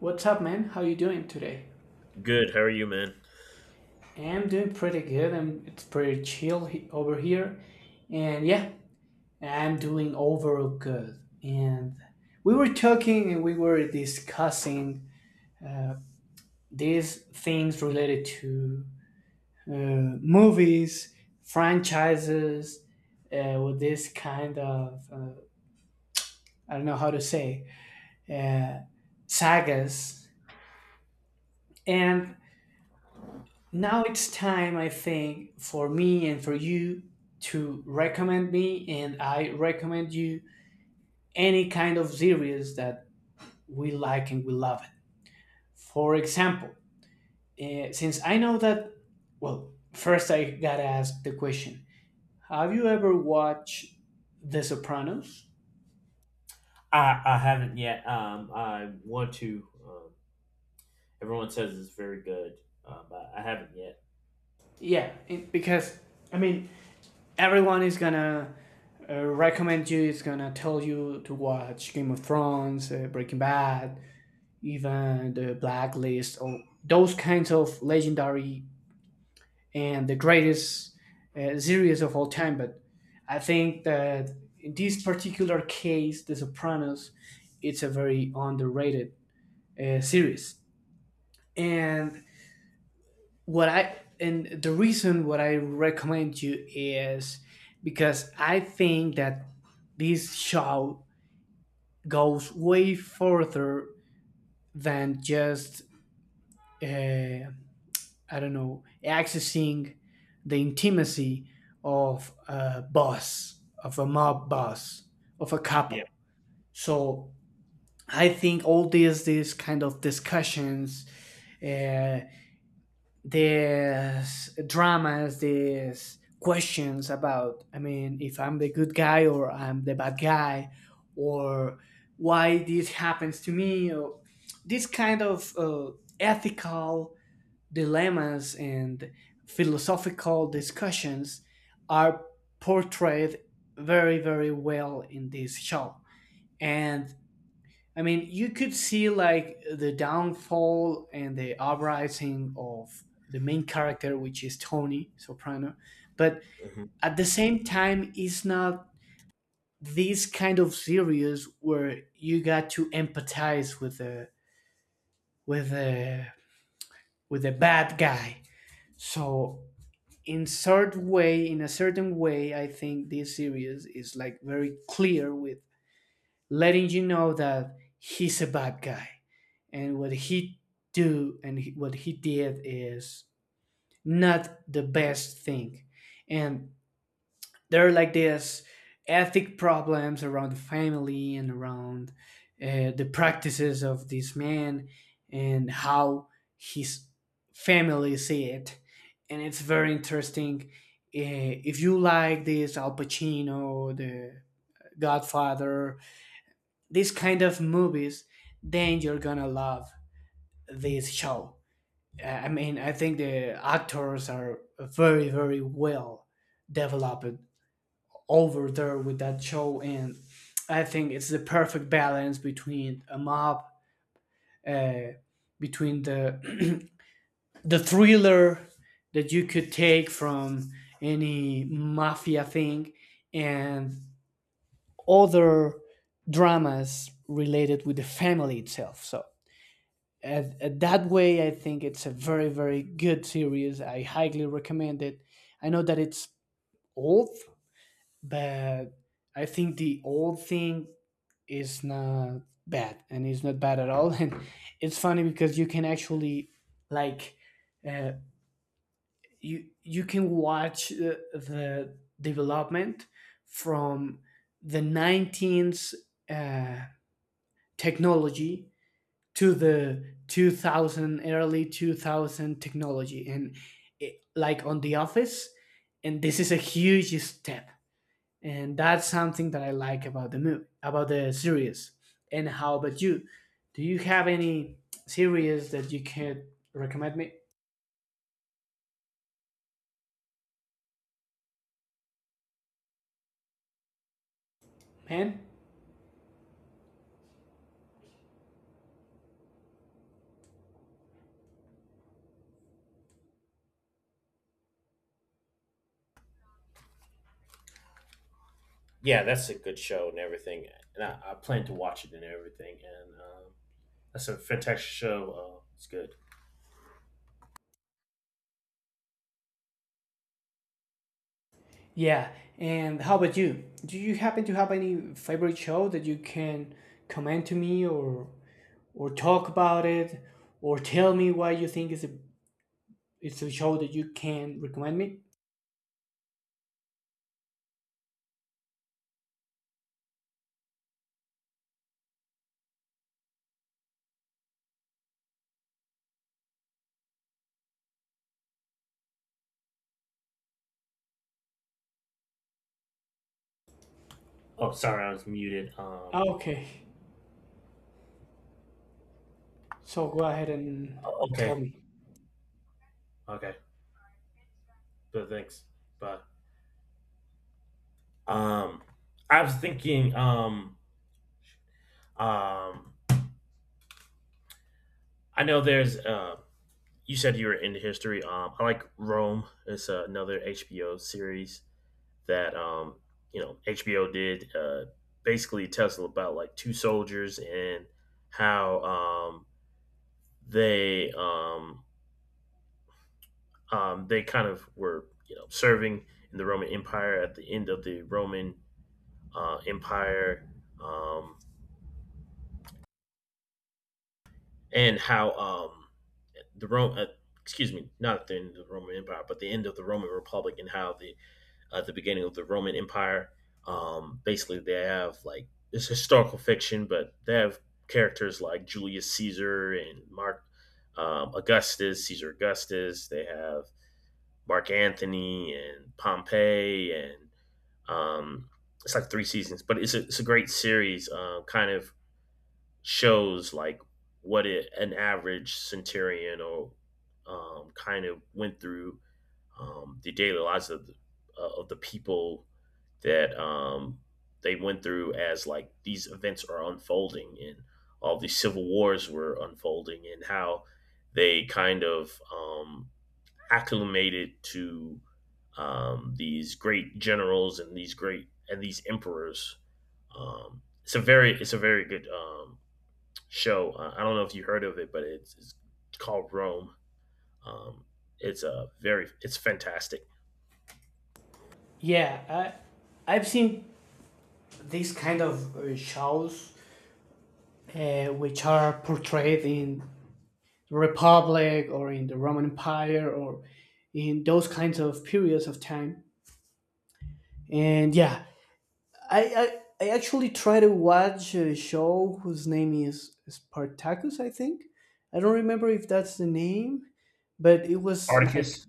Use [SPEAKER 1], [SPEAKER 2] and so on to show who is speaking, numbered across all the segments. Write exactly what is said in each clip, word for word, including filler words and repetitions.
[SPEAKER 1] What's up, man? How you doing today?
[SPEAKER 2] Good. How are you, man?
[SPEAKER 1] I'm doing pretty good. I'm, it's pretty chill he- over here, and yeah, I'm doing overall good. And we were talking and we were discussing these things related to uh, movies, franchises, uh, with this kind of uh, I don't know how to say uh, sagas, and now it's time, I think, for me and for you to recommend me, and I recommend you any kind of series that we like and we love it. For example, eh, since I know that, well, first I gotta ask the question, have you ever watched The Sopranos?
[SPEAKER 2] I, I haven't yet. Um, I want to. Um, everyone says it's very good, um, but I haven't yet.
[SPEAKER 1] Yeah, it- because, I mean, everyone is gonna uh, recommend you, it's gonna tell you to watch Game of Thrones, uh, Breaking Bad, even the Blacklist, or those kinds of legendary and the greatest uh, series of all time. But I think that in this particular case, The Sopranos, it's a very underrated uh, series. And what I and the reason what I recommend you is because I think that this show goes way further than just uh, I don't know, accessing the intimacy of a boss, of a mob boss, of a
[SPEAKER 2] Yeah.
[SPEAKER 1] couple. So I think all these these kind of discussions, uh, these dramas, these questions about, I mean, if I'm the good guy or I'm the bad guy, or why this happens to me, or this kind of uh, ethical dilemmas and philosophical discussions are portrayed very very well in this show, and I mean you could see like the downfall and the uprising of the main character, which is Tony Soprano. But
[SPEAKER 2] hmm
[SPEAKER 1] at the same time, it's not this kind of series where you got to empathize with the with the with the bad guy. So in sort way in a certain way, I think this series is like very clear with letting you know that he's a bad guy, and what he do and he- what he did is not the best thing. And there are like this ethic problems around the family and around uh, the practices of this man and how his family see it, and it's very interesting. Uh, if you like this Al Pacino, the Godfather, these kind of movies, then you're gonna love this show. Uh, I mean, I think the actors are very very well developed over there with that show, and I think it's the perfect balance between a mob, uh, between the the thriller that you could take from any mafia thing, and other dramas related with the family itself. So at, at that way, I think it's a very very good series. I highly recommend it. I know that it's old, but I think the old thing is not bad and it's not bad at all and it's funny because you can actually like uh, you you can watch uh, the development from the nineteenth uh, technology to the two thousand, early two thousand technology and it, like on the office, and this is a huge step, and that's something that I like about the movie, about the series. And how about you? Do you have any series that you can recommend me, man?
[SPEAKER 2] Yeah, that's a good show and everything, and I, I plan to watch it and everything. And um, that's a fantastic show. Uh, it's good.
[SPEAKER 1] Yeah, and how about you? Do you happen to have any favorite show that you can comment to me, or or talk about it, or tell me why you think it's a it's a show that you can recommend me?
[SPEAKER 2] Oh, sorry, I was muted. Um,
[SPEAKER 1] Okay, so go ahead and
[SPEAKER 2] o- okay,
[SPEAKER 1] tell me.
[SPEAKER 2] okay. But thanks. Bye. Um, I was thinking. Um, um, I know there's um you said you were into history. Um, I like Rome. It's another H B O series that um, you know H B O did. Uh, basically, tells about like two soldiers and how um, they um, um, they kind of were you know serving in the Roman Empire at the end of the Roman uh, Empire, um, and how um, the Rome. Uh, Excuse me, not at the end of the Roman Empire, but the end of the Roman Republic, and how the at the beginning of the Roman Empire. Um, basically, they have like it's historical fiction, but they have characters like Julius Caesar and Mark um, Augustus, Caesar Augustus. They have Mark Anthony and Pompey, and um, it's like three seasons, but it's a, it's a great series. Uh, kind of shows like what it, an average centurion or um, kind of went through um, the daily lives of the, uh, of the people that um, they went through as like these events are unfolding and all these civil wars were unfolding and how they kind of um, acclimated to um, these great generals and these great and these emperors. Um, it's a very it's a very good um, show. Uh, I don't know if you heard of it, but it's, it's called Rome. Um, it's a very it's fantastic.
[SPEAKER 1] Yeah, I, I've seen these kind of uh, shows uh, which are portrayed in the Republic or in the Roman Empire or in those kinds of periods of time. And yeah, I I, I actually try to watch a show whose name is Spartacus, I think. I don't remember if that's the name, but it was like
[SPEAKER 2] Articus.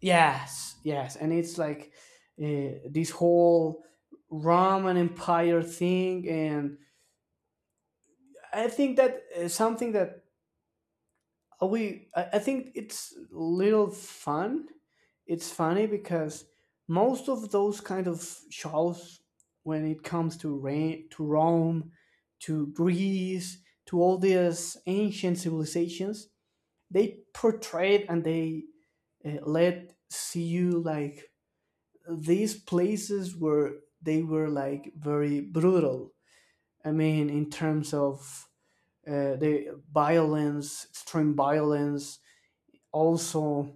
[SPEAKER 1] yes, yes, and it's like uh, this whole Roman Empire thing, and I think that uh, something that Uh, we I, I think it's little fun, it's funny because most of those kind of shows when it comes to rain to Rome, to Greece, to all these ancient civilizations, they portrayed and they uh, let see you like these places where they were like very brutal. I mean, in terms of uh, the violence, extreme violence, also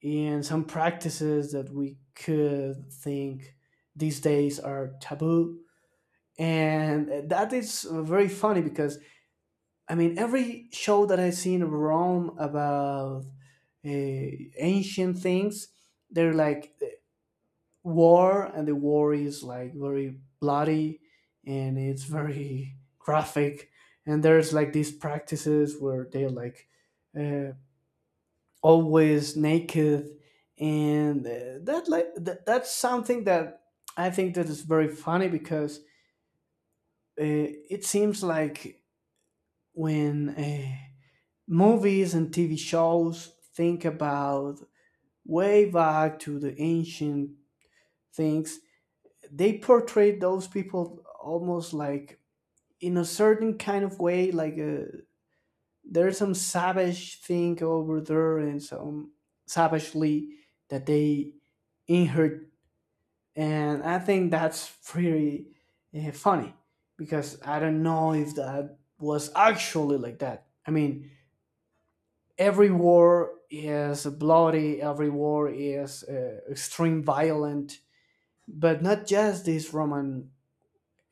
[SPEAKER 1] in some practices that we could think these days are taboo. And that is very funny because, I mean, every show that I've seen in Rome about uh, ancient things, they're like uh, war, and the war is like very bloody and it's very graphic. And there's like these practices where they like uh, always naked and uh, that like that, that's something that I think that is very funny because uh, it seems like when uh, movies and TV shows think about way back to the ancient things, they portray those people almost like in a certain kind of way, like uh there's some savage thing over there and some savagely that they inherit, and I think that's pretty uh, funny because I don't know if that was actually like that. I mean, every war is bloody, every war is uh, extreme violent, but not just these Roman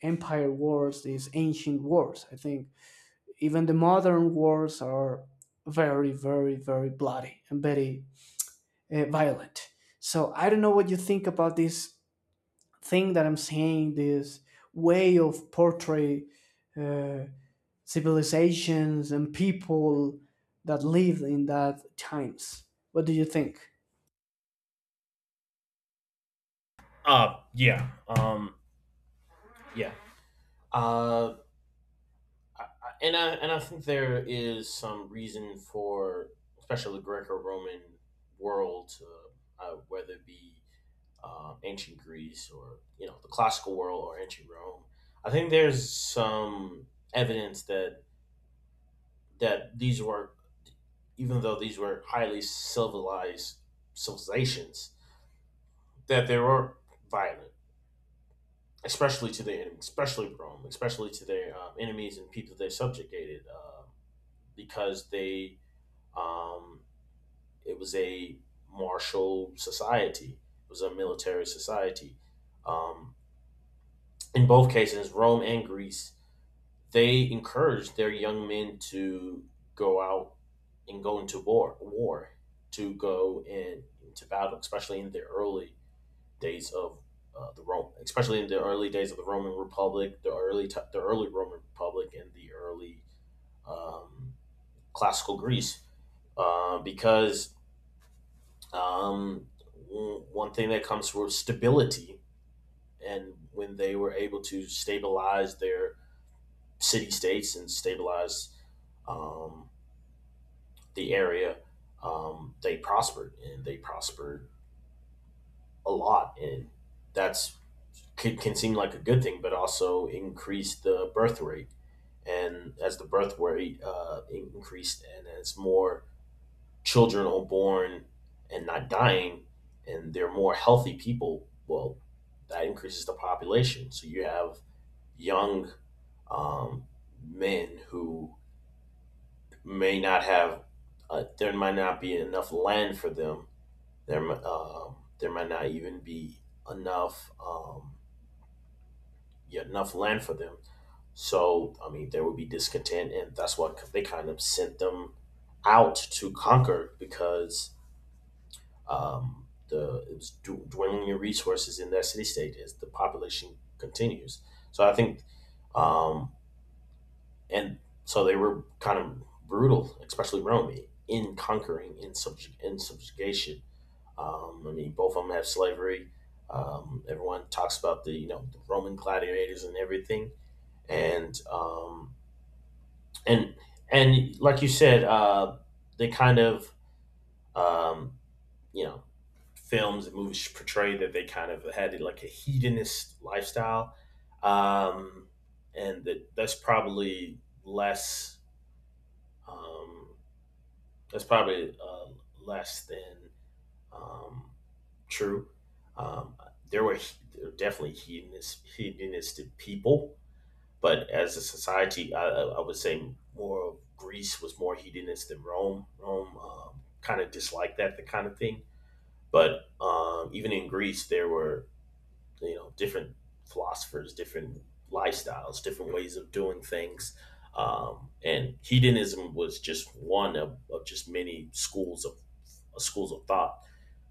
[SPEAKER 1] Empire wars, these ancient wars. I think even the modern wars are very, very, very bloody and very uh, violent. So I don't know what you think about this thing that I'm saying, this way of portray uh, civilizations and people that lived in that times. What do you think?
[SPEAKER 2] Uh, yeah. Um, yeah. Uh, and I and I think there is some reason for, especially the Greco-Roman world, to, uh, whether it be um, ancient Greece or you know the classical world or ancient Rome. I think there's some evidence that that these were, even though these were highly civilized civilizations, that they were violent especially to their especially Rome, especially to their um, enemies and people they subjugated, um, because they um, it was a martial society, it was a military society. Um, in both cases, Rome and Greece, they encouraged their young men to go out and go into war, war to go in, into battle, especially in the early days of uh, the Rome, especially in the early days of the Roman Republic, the early t- the early Roman Republic, and the early um, classical Greece, uh, because um, one thing that comes from stability, and when they were able to stabilize their city states and stabilize um, the area, um, they prospered and they prospered a lot, and that's could, can seem like a good thing, but also increase the birth rate. And as the birth rate uh, increased and as more children are born and not dying, and they're more healthy people, well, that increases the population. So you have young um, men who may not have, uh, there might not be enough land for them. There, mi- um there might not even be enough um, yeah, enough land for them. So, I mean, there would be discontent, and that's what they kind of sent them out to conquer because um, the it was du- dwindling in resources in that city state as the population continues. So, I think, um, and so they were kind of brutal, especially Rome, in conquering, in, subjug- in subjugation. Um, I mean, both of them have slavery. Um, everyone talks about the you know the Roman gladiators and everything, and um, and and like you said, uh, they kind of um, you know films and movies portray that they kind of had like a hedonist lifestyle, um, and that that's probably less um, that's probably uh, less than um, true. Um, there were there were definitely hedonist hedonistic people. But as a society, I, I I would say more of Greece was more hedonist than Rome. Rome um, kind of disliked that the kind of thing. But um, even in Greece, there were you know different philosophers, different lifestyles, different ways of doing things. Um, and hedonism was just one of, of just many schools of schools of thought.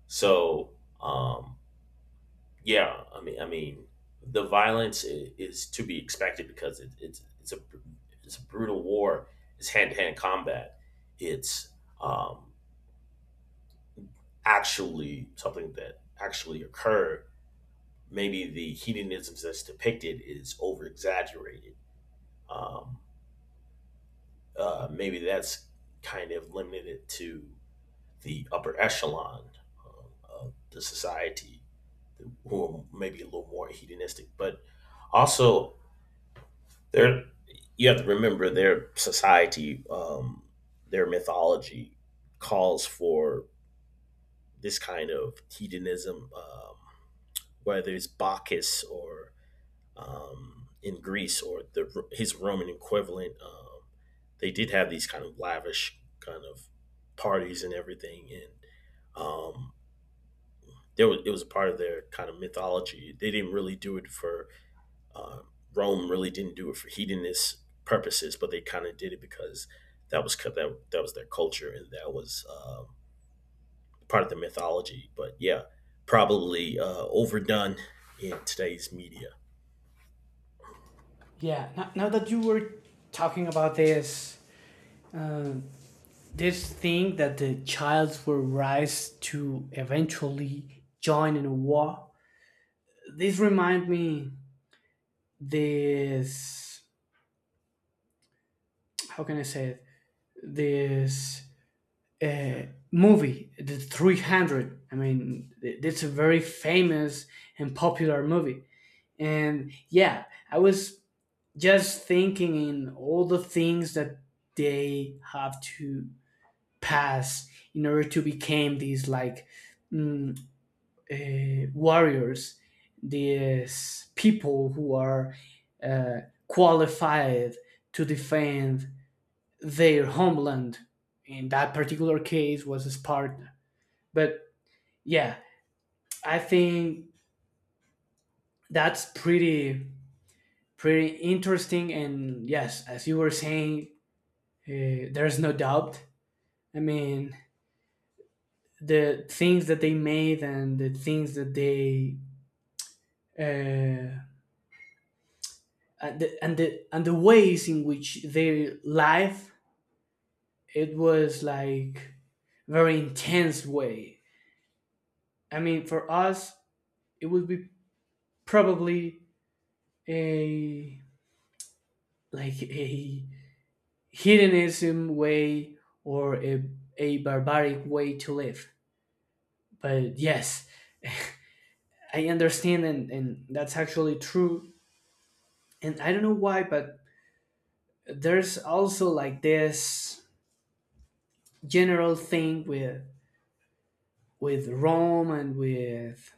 [SPEAKER 2] So um, yeah, I mean, I mean, the violence i- is to be expected because it, it's it's a br- it's a brutal war. It's hand to hand combat. It's um, actually something that actually occurred. Maybe the hedonisms that's depicted is over exaggerated. Um, uh, maybe that's kind of limited to the upper echelon um, of the society, who are maybe a little more hedonistic, but also there, you have to remember their society, um, their mythology calls for this kind of hedonism, um, whether it's Bacchus or um, in Greece or the, his Roman equivalent. Um, they did have these kind of lavish kind of parties and everything, and um, there was, it was a part of their kind of mythology. They didn't really do it for. Um, Rome really didn't do it for hedonist purposes, but they kind of did it because that was that that was their culture and that was um, part of the mythology. But yeah, probably uh, overdone in today's media.
[SPEAKER 1] Yeah, now, now that you were talking about this, uh, this thing that the childs were raised to eventually join in a war, this remind me this, how can I say it? This uh, movie, The three hundred. I mean, th- it's a very famous and popular movie. And yeah, I was just thinking in all the things that they have to pass in order to become these like mm, uh, warriors, these people who are uh, qualified to defend their homeland. In that particular case, was Sparta. But yeah, I think that's pretty pretty interesting. And yes, as you were saying, uh, there's no doubt. I mean, the things that they made and the things that they uh, and, the, and the and the ways in which their life, it was like very intense way. I mean, for us it would be probably a like a hedonism way, or a, a barbaric way to live. But yes, I understand, and, and that's actually true. And I don't know why, but there's also like this general thing with with Rome and with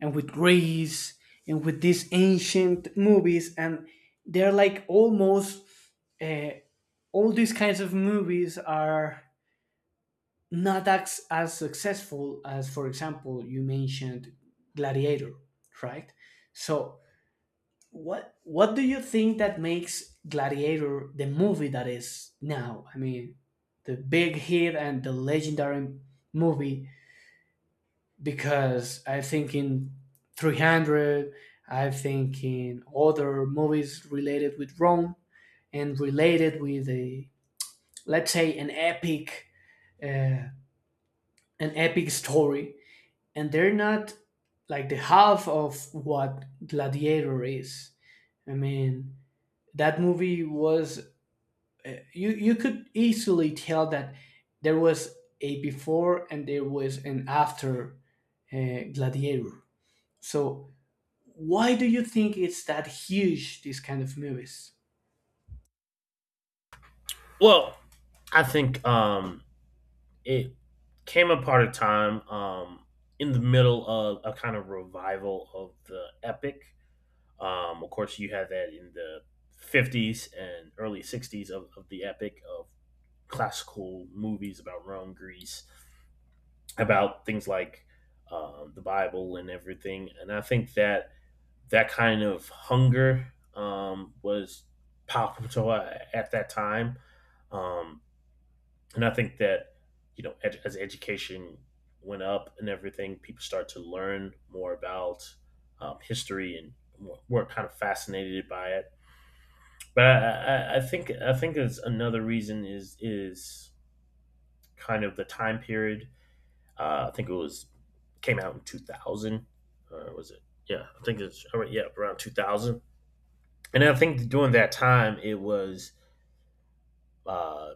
[SPEAKER 1] and with Greece and with these ancient movies, and they're like almost uh, all these kinds of movies are not as, as successful as, for example, you mentioned Gladiator, right? So, what what do you think that makes Gladiator the movie that is now? I mean, the big hit and the legendary movie. Because I think in three hundred, I think in other movies related with Rome and related with a let's say an epic uh, an epic story, and they're not like the half of what Gladiator is. I mean, that movie was uh, you you could easily tell that there was a before and there was an after uh, Gladiator. So why do you think it's that huge? These kind of movies.
[SPEAKER 2] Well, I think um, it came apart a time um, in the middle of a kind of revival of the epic. Um, of course, you had that in the fifties and early sixties of, of the epic of classical movies about Rome, Greece, about things like um, the Bible and everything. And I think that that kind of hunger um, was palpable at, that time. Um, and I think that, you know, ed- as education went up and everything, people start to learn more about um, history and were- were kind of fascinated by it. But I, I, I think I think there's another reason is is kind of the time period. Uh, I think it was came out in two thousand, or was it? Yeah, I think it's yeah around two thousand. And I think during that time, it was uh,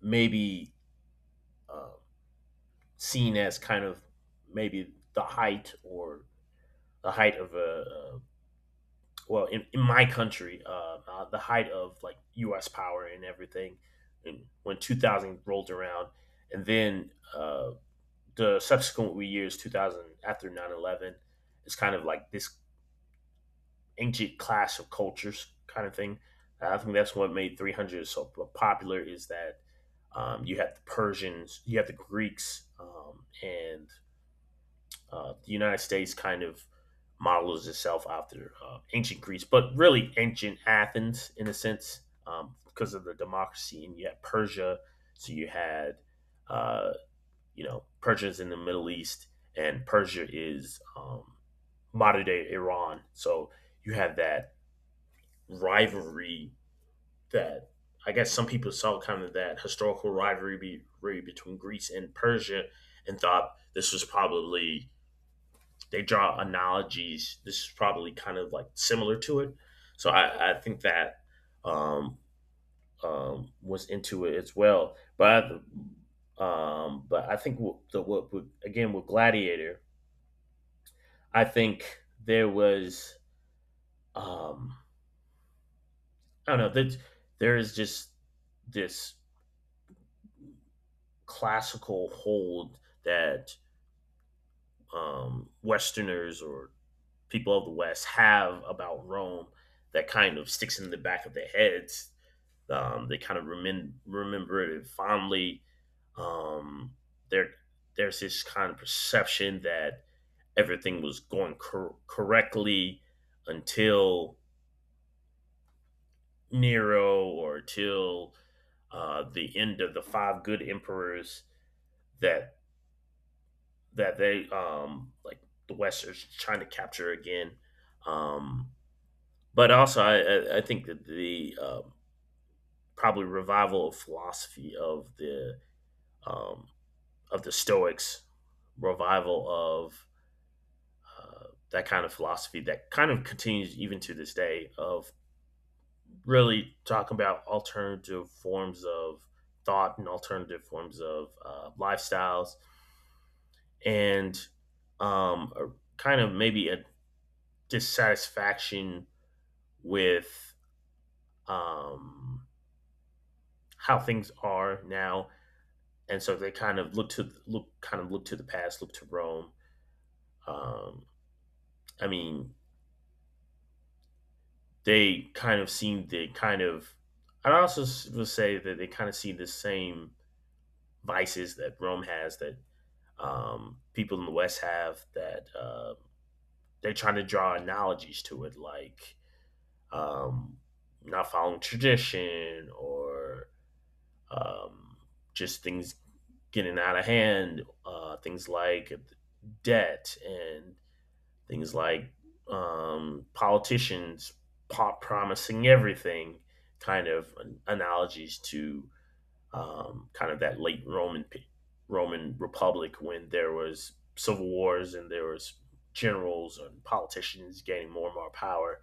[SPEAKER 2] maybe uh, seen as kind of maybe the height or the height of a uh, well in, in my country uh, uh, the height of like U S power and everything. And when two thousand rolled around, and then uh, the subsequent years, two thousand after nine eleven, 11 is kind of like this ancient clash of cultures kind of thing. Uh, I think that's what made three hundred so popular is that um, you have the Persians, you have the Greeks, um, and uh, the United States kind of models itself after uh, ancient Greece, but really ancient Athens in a sense um, because of the democracy. And you had Persia, so you had uh, you know, Persia's in the Middle East, and Persia is um, modern day Iran. So you have that rivalry that I guess some people saw kind of that historical rivalry be, between Greece and Persia and thought this was probably, they draw analogies. This is probably kind of like similar to it. So I, I think that um, um, was into it as well. But I, um, but I think what, the, what, what again with Gladiator, I think there was um, I don't know that there is just this classical hold that um, Westerners or people of the West have about Rome that kind of sticks in the back of their heads. Um, they kind of remem- remember it fondly. Um, there, there's this kind of perception that everything was going cor- correctly until Nero or till uh, the end of the five good emperors that that they um, like the West is trying to capture again. Um, but also, I, I- think that the um probably revival of philosophy of the um, of the Stoics, revival of uh, that kind of philosophy that kind of continues even to this day of really talking about alternative forms of thought and alternative forms of uh, lifestyles and um, a kind of maybe a dissatisfaction with um, how things are now, and so they kind of look to look kind of look to the past, look to Rome. Um, I mean, they kind of seem to kind of. I'd also would say that they kind of see the same vices that Rome has that um, people in the West have that uh, they're trying to draw analogies to it, like um, not following tradition or um, just things getting out of hand, uh, things like debt and things like um, politicians pop promising everything, kind of analogies to um, kind of that late Roman Roman Republic when there was civil wars and there was generals and politicians gaining more and more power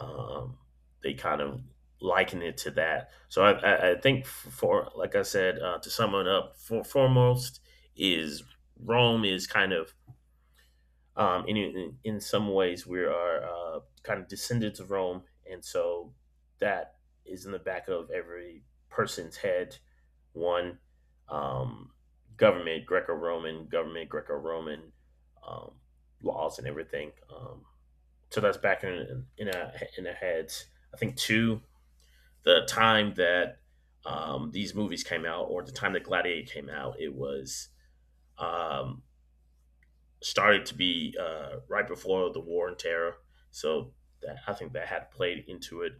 [SPEAKER 2] um, they kind of liken it to that. So I, I, I think, for like I said, uh, to sum it up, for foremost is Rome is kind of, um, in in in some ways we are, uh, kind of descendants of Rome, and so that is in the back of every person's head. One, um, government, Greco-Roman government, Greco-Roman, um, laws and everything. Um, so that's back in in our in our heads. I think two, the time that, um, these movies came out, or the time that Gladiator came out, it was, um, started to be, uh, right before the War and Terror. So that, I think that had played into it.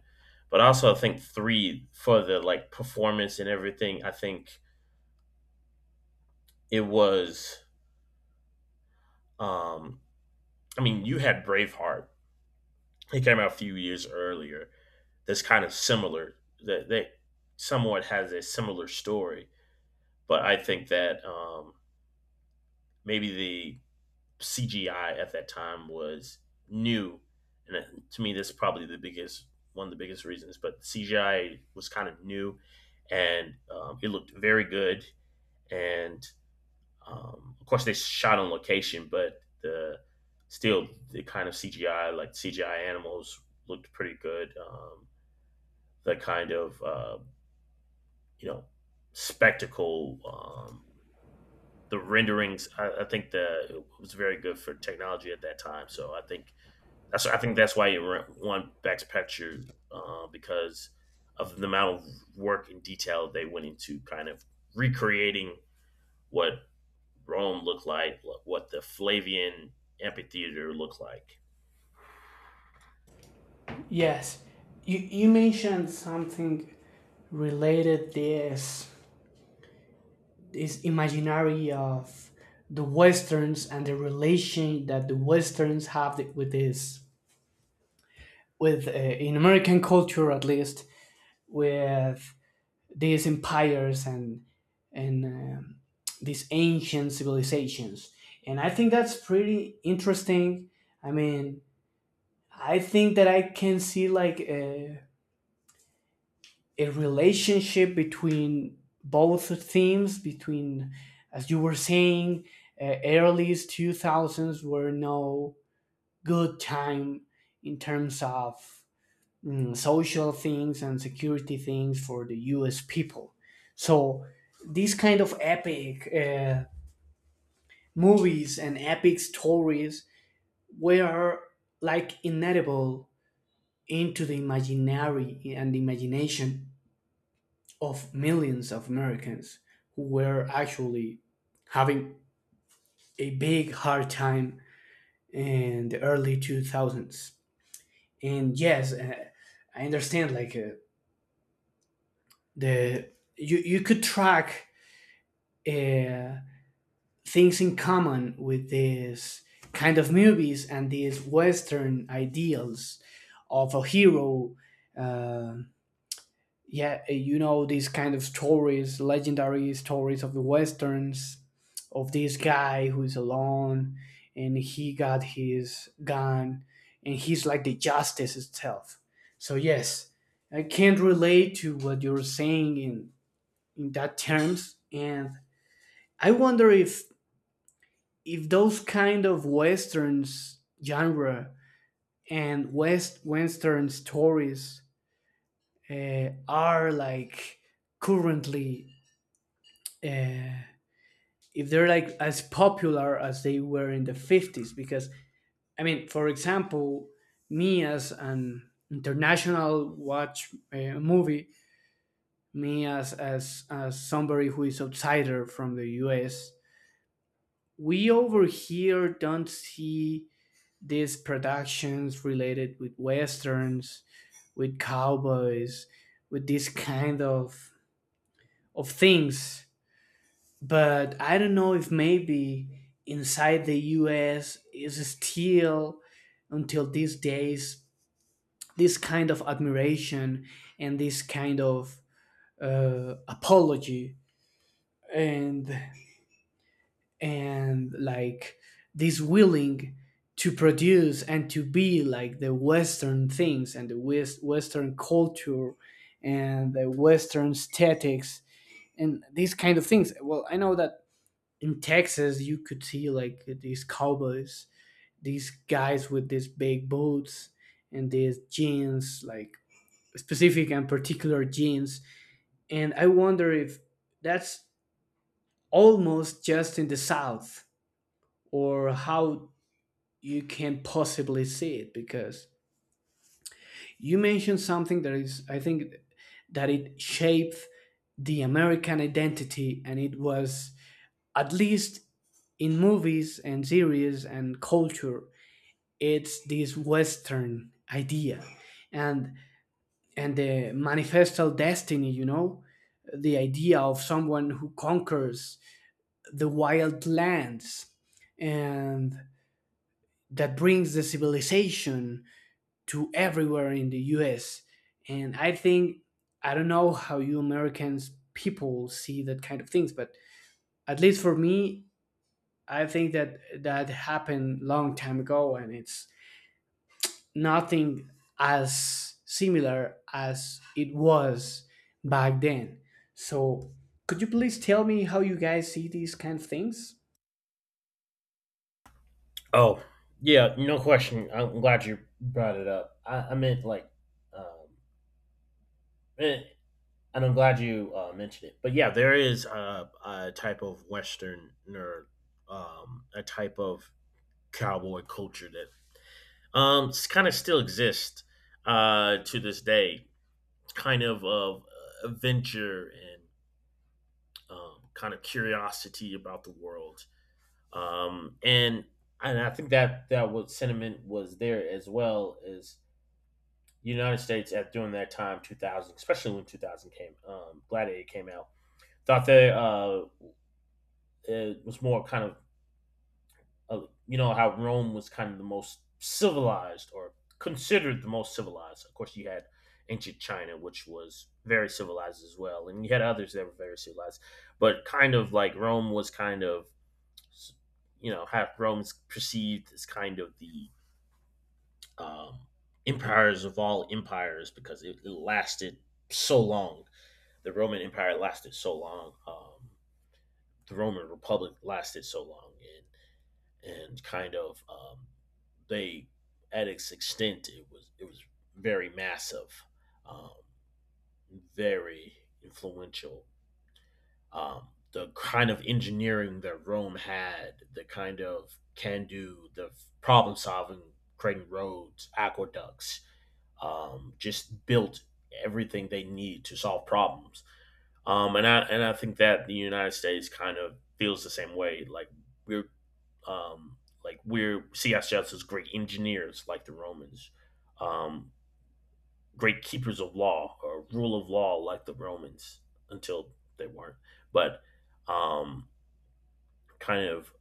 [SPEAKER 2] But also, I think three, for the like performance and everything. I think it was. Um, I mean, you had Braveheart. It came out a few years earlier, that's kind of similar, that they somewhat has a similar story. But I think that, um, maybe the C G I at that time was new, and it- to me, this is probably the biggest one of the biggest reasons. But C G I was kind of new, and um, it looked very good. And um, of course, they shot on location, but the still the kind of C G I, like C G I animals looked pretty good. Um, the kind of, uh, you know spectacle. Um, the renderings, I, I think that it was very good for technology at that time. So I think that's I think that's why it re- won Best Picture, uh, because of the amount of work and detail they went into, kind of recreating what Rome looked like, what the Flavian amphitheater looked like.
[SPEAKER 1] Yes, you you mentioned something related this this imaginary of the westerns and the relation that the westerns have th- with this with uh, in American culture, at least with these empires and and um, these ancient civilizations, and I think that's pretty interesting. I mean, I think that I can see like uh, a relationship between both themes, between, as you were saying, uh, early two thousands were no good time in terms of mm, social things and security things for the US people. So these kind of epic uh, movies and epic stories were like inedible into the imaginary and the imagination of millions of Americans who were actually having a big hard time in the early two thousands. And yes, uh, I understand like uh, the you you could track uh, things in common with these kind of movies and these Western ideals of a hero. um yeah, uh, you know, these kind of stories, legendary stories of the westerns, of this guy who's alone and he got his gun and he's like the justice itself. So yes, I can't relate to what you're saying in in that terms, and I wonder if if those kind of westerns genre and west western stories uh, are like currently uh, if they're like as popular as they were in the fifties because I mean for example me as an international watch uh, movie, me as, as as somebody who is outsider from the US, we over here don't see these productions related with westerns, with cowboys, with this kind of of things. But I don't know if maybe inside the U S is still until these days this kind of admiration and this kind of uh, apology and and like this willing to produce and to be like the western things and the West, western culture and the western aesthetics and these kind of things. Well, I know that in Texas, you could see like these cowboys, these guys with these big boots and these jeans, like specific and particular jeans. And I wonder if that's almost just in the South, or how you can possibly see it, because you mentioned something that is, I think, that it shaped the American identity, and it was, at least in movies and series and culture, it's this western idea and and the manifestal destiny, you know, the idea of someone who conquers the wild lands and that brings the civilization to everywhere in the U S. And I think, I don't know how you Americans people see that kind of things, but at least for me, I think that that happened long time ago and it's nothing as similar as it was back then. So, could you please tell me how you guys see these kind of things?
[SPEAKER 2] Oh, yeah, no question. I'm glad you brought it up. I, I meant like, um, it, and I'm glad you, uh, mentioned it. But yeah, there is a, a type of Westerner, um, a type of cowboy culture that, um, kind of still exists, uh, to this day, kind of of uh, adventure and, um, kind of curiosity about the world. Um, and and I think that that what sentiment was there as well is United States at during that time, two thousand, especially when two thousand came, um, Gladiator came out, thought they, uh, it was more kind of, uh, you know how Rome was kind of the most civilized, or considered the most civilized. Of course, you had ancient China, which was very civilized as well, and you had others that were very civilized. But kind of like Rome was kind of, you know how Rome's perceived as kind of the, um, empires of all empires because it, it lasted so long. The Roman Empire lasted so long. Um, the Roman Republic lasted so long, and and kind of, um, they, at its extent it was it was very massive, um, very influential. Um, the kind of engineering that Rome had, the kind of can do, the problem solving, creating roads, aqueducts, um, just built everything they need to solve problems. Um, and I and I think that the United States kind of feels the same way. Like we're, um, like we're see ourselves as great engineers, like the Romans, um, great keepers of law or rule of law, like the Romans, until they weren't. But um, kind of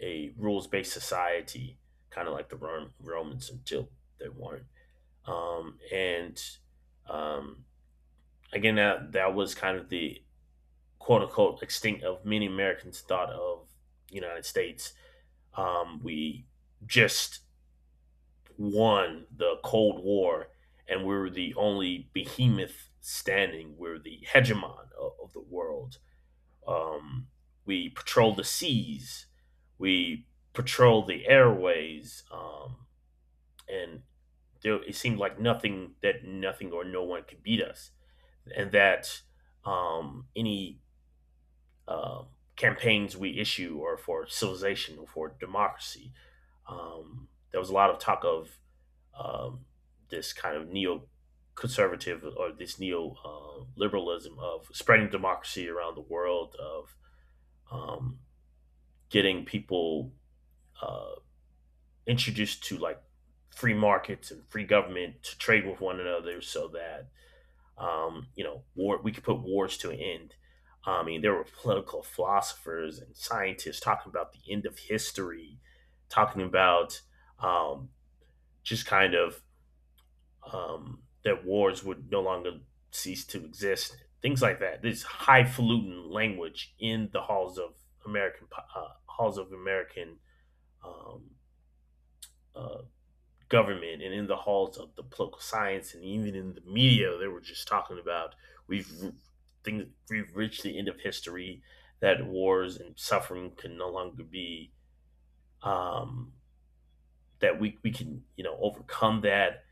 [SPEAKER 2] a rules based society, kind of like the Rom- Romans until they weren't. Um, and um, again, that that was kind of the quote unquote extinct of many Americans thought of the United States. Um, we just won the Cold War, and we're the only behemoth standing. We're the hegemon of, of the world. Um, we patrol the seas. We patrol the airways. Um, and there, it seemed like nothing that nothing or no one could beat us, and that, um, any, um, campaigns we issue or for civilization or for democracy. Um, there was a lot of talk of, um, this kind of neo-conservative or this neo-liberalism, uh, of spreading democracy around the world, of, um, getting people, uh, introduced to like free markets and free government to trade with one another so that, um, you know, war. We could put wars to an end. I mean, there were political philosophers and scientists talking about the end of history, talking about, um, just kind of um, that wars would no longer cease to exist, things like that. This highfalutin language in the halls of American po- uh, halls of American, um, uh, government, and in the halls of the political science, and even in the media they were just talking about we've things we've reached the end of history, that wars and suffering can no longer be, um, that we, we can, you know, overcome that.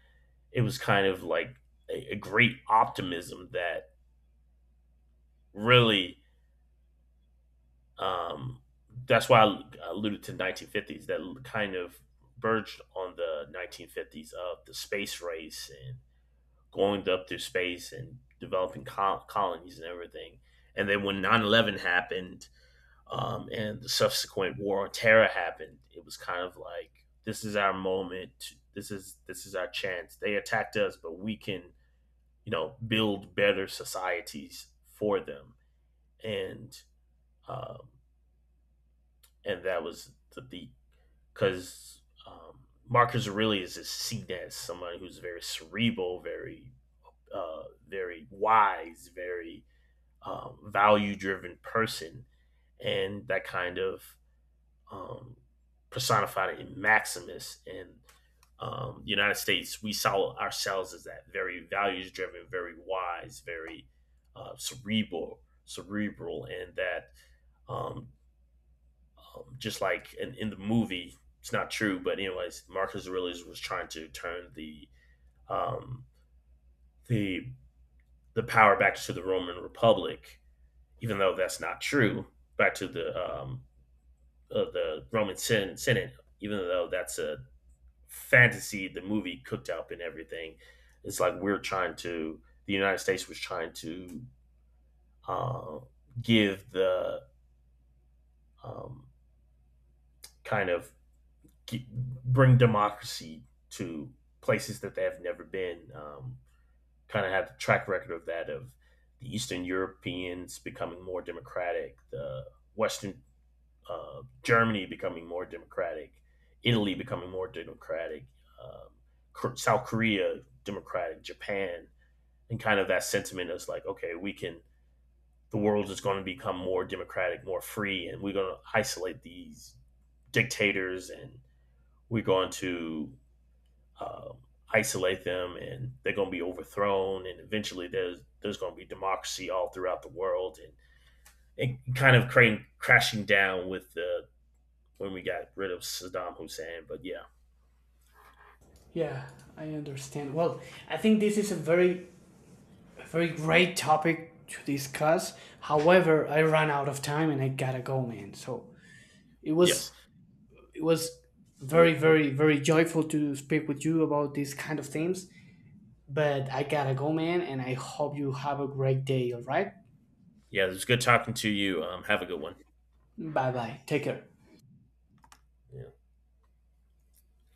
[SPEAKER 2] It was kind of like a, a great optimism that really, um, that's why I alluded to nineteen fifties, that kind of verged on the nineteen fifties of the space race and going up through space and developing col- colonies and everything. And then when nine eleven happened, um, and the subsequent war on terror happened, it was kind of like, this is our moment. This is this is our chance. They attacked us, but we can, you know, build better societies for them. And um, and that was the beat because, um, Marcus Aurelius is seen as someone who's very cerebral, very, uh, very wise, very, um, value driven person. And that kind of, um, personified in Maximus. And um, the United States, we saw ourselves as that very values driven, very wise, very, uh, cerebral, cerebral, and that, um, um, just like in, in the movie, it's not true, but anyways, Marcus Aurelius was trying to turn the, um, the the power back to the Roman Republic, even though that's not true. Back to the, um, uh, the Roman Sen- Senate, even though that's a fantasy, the movie cooked up and everything. It's like we're trying to the United States was trying to, uh, give the, um, kind of g- bring democracy to places that they have never been. Um, kind of had the track record of that, of the Eastern Europeans becoming more democratic, the Western, uh, Germany becoming more democratic, Italy becoming more democratic, um, South Korea democratic, Japan, and kind of that sentiment is like, okay, we can. The world is going to become more democratic, more free, and we're going to isolate these dictators, and we're going to, um, isolate them, and they're going to be overthrown, and eventually there's there's going to be democracy all throughout the world, and and kind of crane, crashing down with the when we got rid of Saddam Hussein. But yeah,
[SPEAKER 1] Yeah, I understand. Well, I think this is a very, a very great topic to discuss. However, I ran out of time and I gotta go, man. So it
[SPEAKER 2] yes,
[SPEAKER 1] was, it was very, very, very joyful to speak with you about these kind of things. But I gotta go, man, and I hope you have a great day. All right.
[SPEAKER 2] yeah. It was good talking to you. Um, have a good one.
[SPEAKER 1] Bye bye. Take care.
[SPEAKER 2] Yeah.